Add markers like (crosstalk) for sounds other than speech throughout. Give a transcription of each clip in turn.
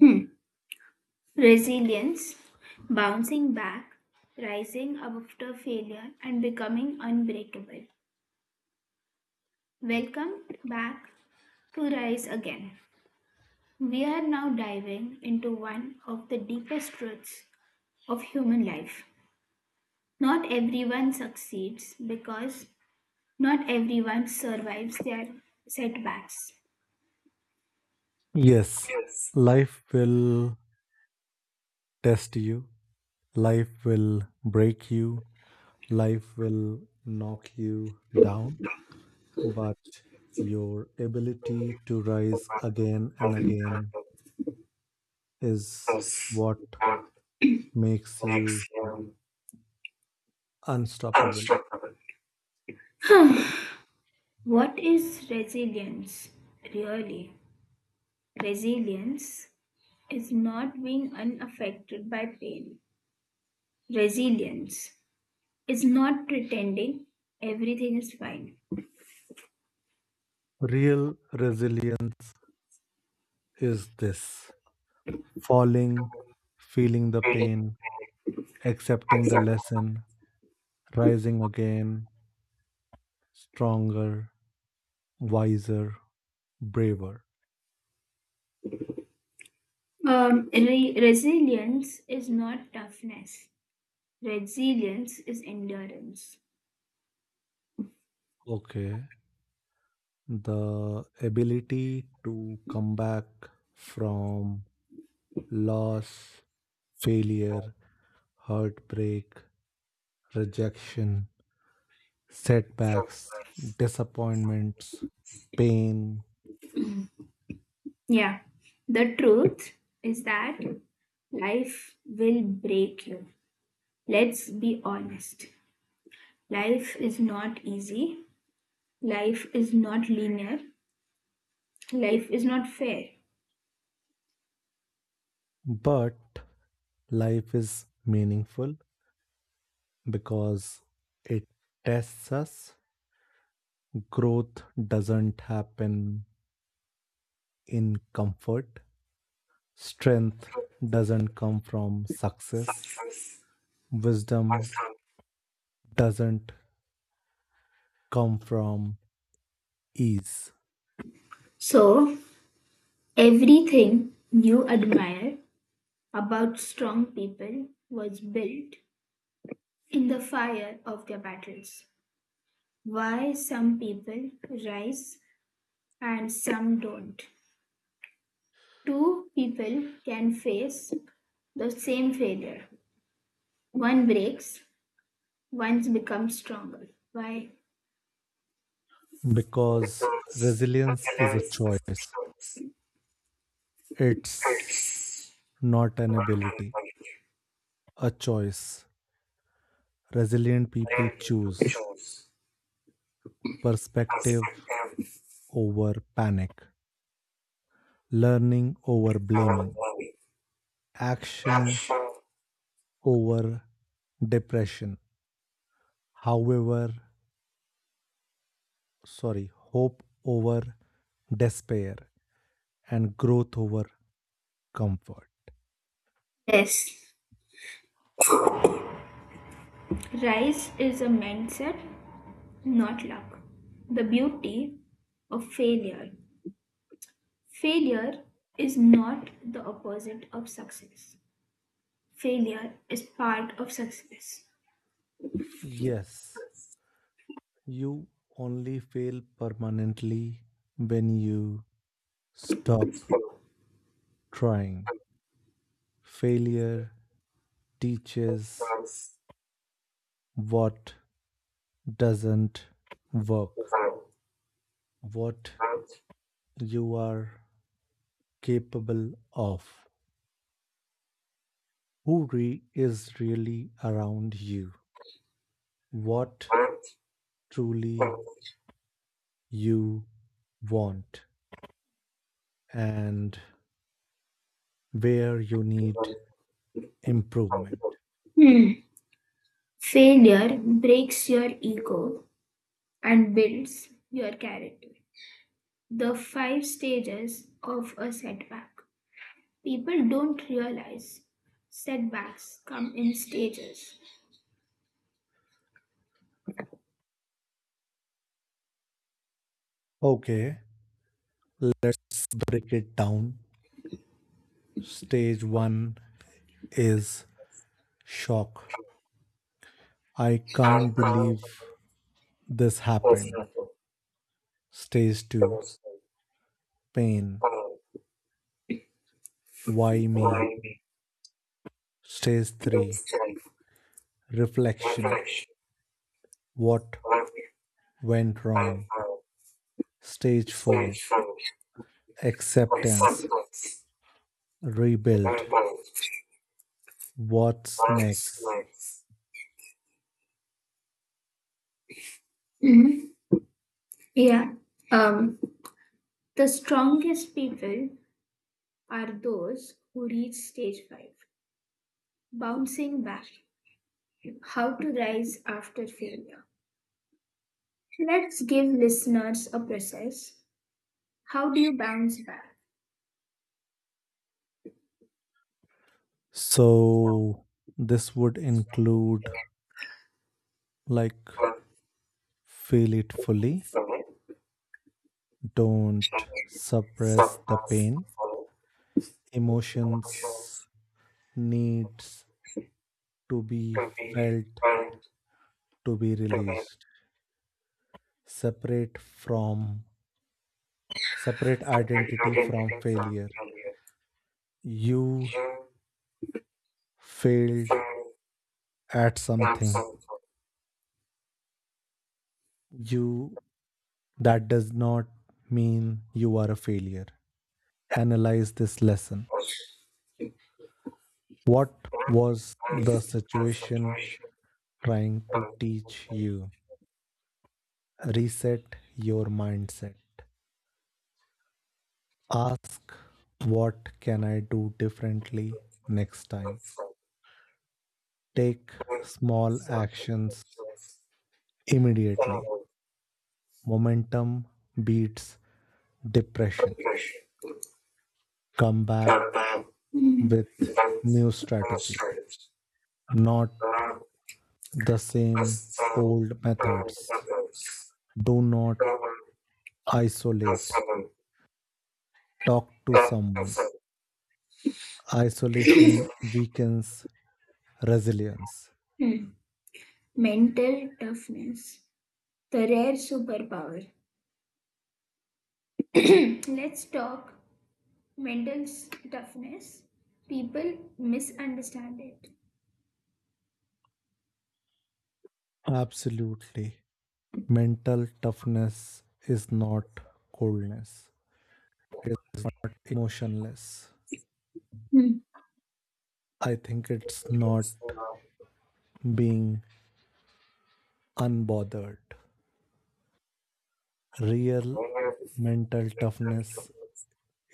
Hmm. Resilience, bouncing back, rising after failure, and becoming unbreakable. Welcome back to Rise Again. We are now diving into one of the deepest truths of human life. Not everyone succeeds because not everyone survives their setbacks. Yes, life will test you, life will break you, life will knock you down, but your ability to rise again and again (sighs) is what makes you Makes him unstoppable. unstoppable. What is resilience really? Resilience is not being unaffected by pain. Resilience is not pretending everything is fine. Real resilience is this falling, feeling the Really, pain, accepting the accept. lesson, rising again, stronger, wiser, braver. Resilience is not toughness. Resilience is endurance. Okay. The ability to come back from loss, failure, heartbreak, rejection, So, setbacks, disappointments, pain. yeah. The truth is that life will break you. Let's be honest. Life is not easy. Life is not linear, life is not fair. But life is meaningful because it tests us. Growth doesn't happen in comfort, strength doesn't come from success, wisdom doesn't come from ease So, everything you admire about strong people was built in the fire of their battles. Why some people rise and some don't. Two people can face the same failure. One breaks, one becomes stronger. Why? because resilience is a choice. It's not an ability, a choice. Resilient people Branding choose controls perspective perspective over panic, learning over around blaming, money. action over depression. However, sorry, hope over despair, and growth over comfort. Yes. Rise is a mindset, not luck. The beauty of failure. Failure is not the opposite of success. Failure is part of success. Yes, you only fail permanently when you stop trying. Failure teaches what doesn't work, what you are capable of, who is really around you, what truly you want, and where you need improvement. Hmm. Failure breaks your ego and builds your character. The five stages of a setback. People don't realize setbacks come in stages. Okay, let's break it down. Stage one is shock. I I can't found believe this happened. myself Stage to two, pain. stand, Why me? mind, Stage three, insight, reflection. reflection, What work, went and wrong? Stage four, spiritual acceptance. acceptance, Rebuild. rebels, What's arts, next? life. Mhm. Yeah. Um, the strongest people are those who reach stage five, bouncing back. How to rise after failure. So, let's give listeners a process. How do you bounce back? So, this would include like feel it fully, don't suppress the pain, emotions needs to be felt to be released, separate from separate identity from failure. You failed at something. You that does not mean you are a failure. Analyze this lesson. What was the situation trying to teach you? Reset your mindset. Ask what can I do differently next time. Take small actions immediately. Momentum beats depression. Come back with new strategy, not the same old methods. Do not isolate. Mhm. Talk to someone. Isolation weakens resilience. Hmm. Mental toughness, the rare superpower. (clears throat) Let's talk mental toughness. People misunderstand it. Absolutely. Mental toughness is not coldness, it's emotionless. Hmm. I think it's not being unbothered. Real mental toughness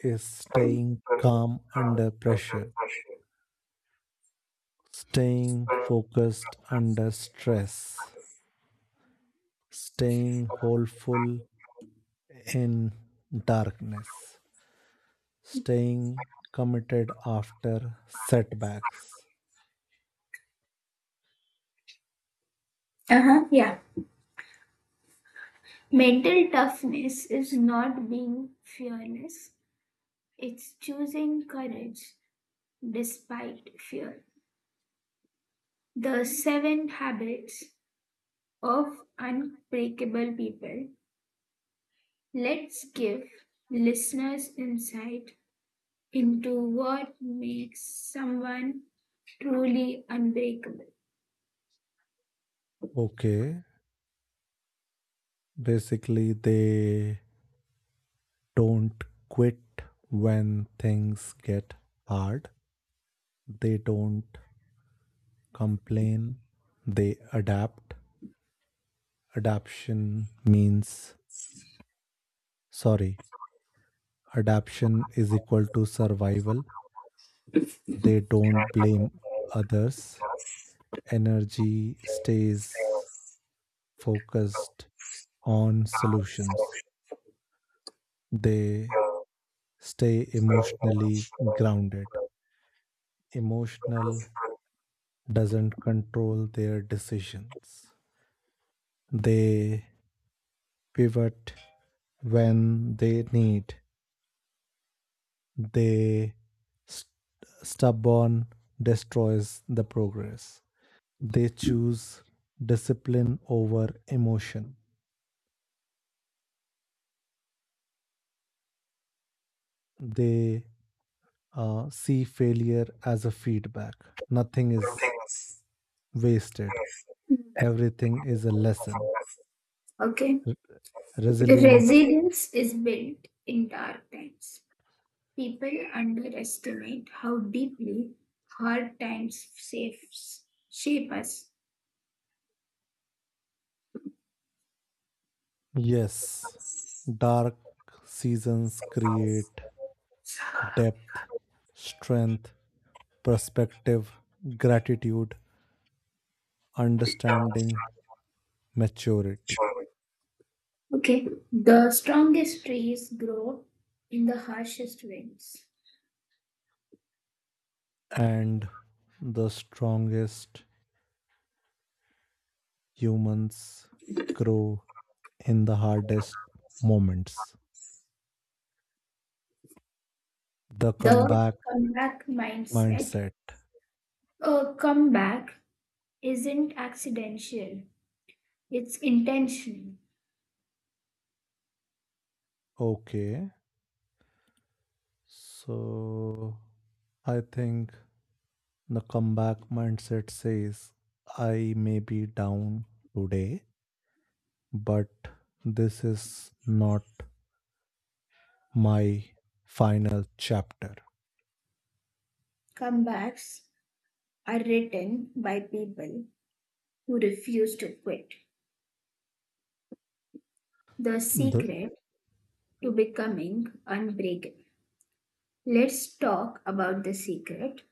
is staying calm under pressure, staying focused under stress, staying hopeful in darkness, staying committed after setbacks. Uh-huh, yeah. Mental toughness is not being fearless, it's choosing courage despite fear. The seven habits of unbreakable people. Let's give listeners insight into what makes someone truly unbreakable. Okay, basically, they don't quit when things get hard, they don't complain, they adapt. Adaptation means, sorry, Adaptation is equal to survival. They don't blame others. Energy stays focused on solutions. They stay emotionally grounded. Emotional doesn't control their decisions. They pivot when they need they st- stubborn destroys the progress. They choose discipline over emotion. They see failure as a feedback. Nothing is wasted, everything is a lesson. Hmm. Okay. Re- resilience. Resilience is built in dark times. People underestimate how deeply hard times shape us. Yes, dark seasons create depth, strength, perspective, gratitude, understanding, maturity, Sure. Okay. The strongest trees grow in the harshest winds. and the strongest humans grow in the hardest moments. The The comeback comeback mindset. mindset. A comeback isn't accidental, it's intentional. Okay, so I think the comeback mindset says I may be down today, but this is not my final chapter. Comebacks are written by people who refuse to quit. The The secret to becoming unbreakable. Let's talk about the secret.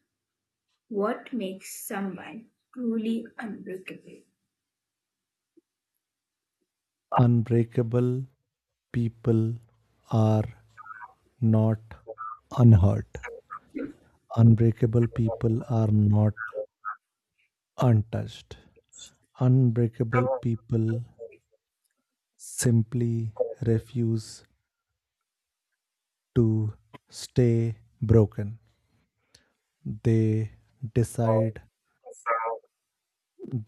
What makes someone truly unbreakable? unbreakable people are not unhurt. Unbreakable people are not untouched. Unbreakable people simply refuse to stay broken. They decide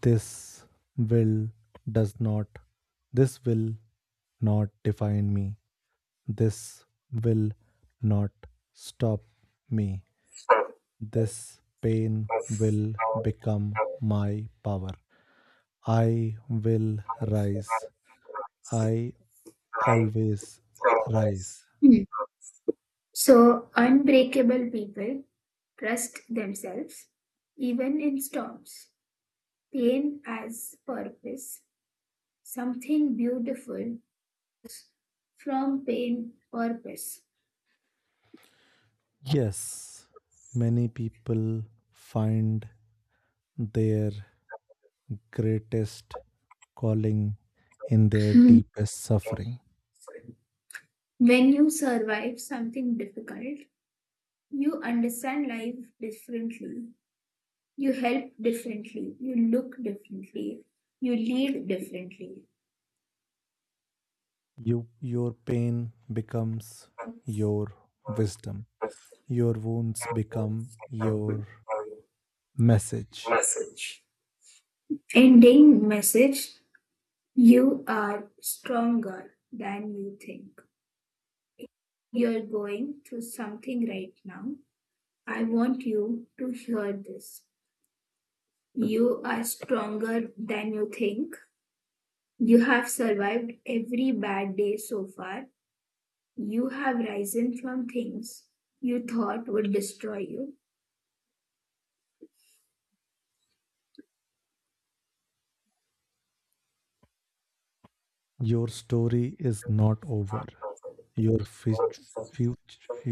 this will does not, this will not define me. This will not stop me. This pain will become my power. I will rise. I always rise. Hmm. So, unbreakable people trust themselves even in storms. Pain as purpose, something beautiful from pain, purpose. Yes, many people find their greatest calling in their Hmm. deepest suffering. When you survive something difficult, you understand life differently. You help differently, you look differently, you lead differently. Your pain becomes your wisdom. Your wounds become your message. Ending message. You are stronger than you think. You're going through something right now. I want you to hear this. You are stronger than you think. You have survived every bad day so far. You have risen from things you thought would destroy you. Your story is not over. Your future,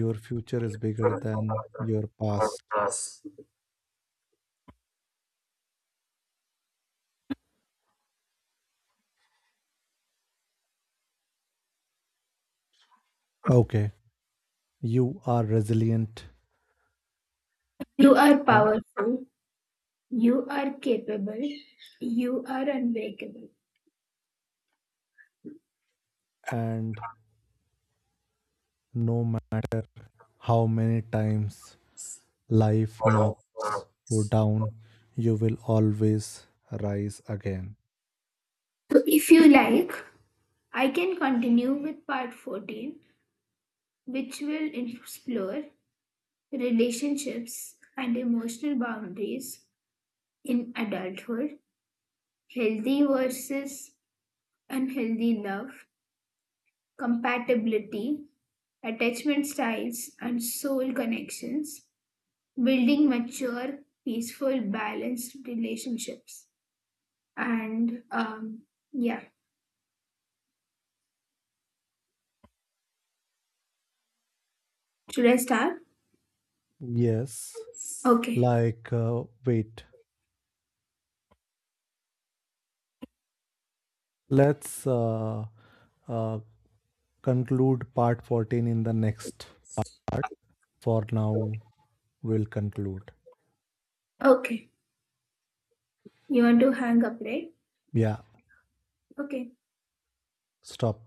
your future is bigger than your past. Okay, you are resilient, You are and powerful. You are capable. You are unbreakable. and no matter how many times life knocks you down, you will always rise again. So, if you like, I can continue with part 14, which will explore relationships and emotional boundaries in adulthood, healthy versus unhealthy love, compatibility, attachment styles, and soul connections, building mature, peaceful, balanced relationships. And yeah, should I start? Yes, Okay, like wait, let's uh, conclude part 14 in the next. For now, we'll conclude. okay. You want to hang up, right? Yeah. Okay. Stop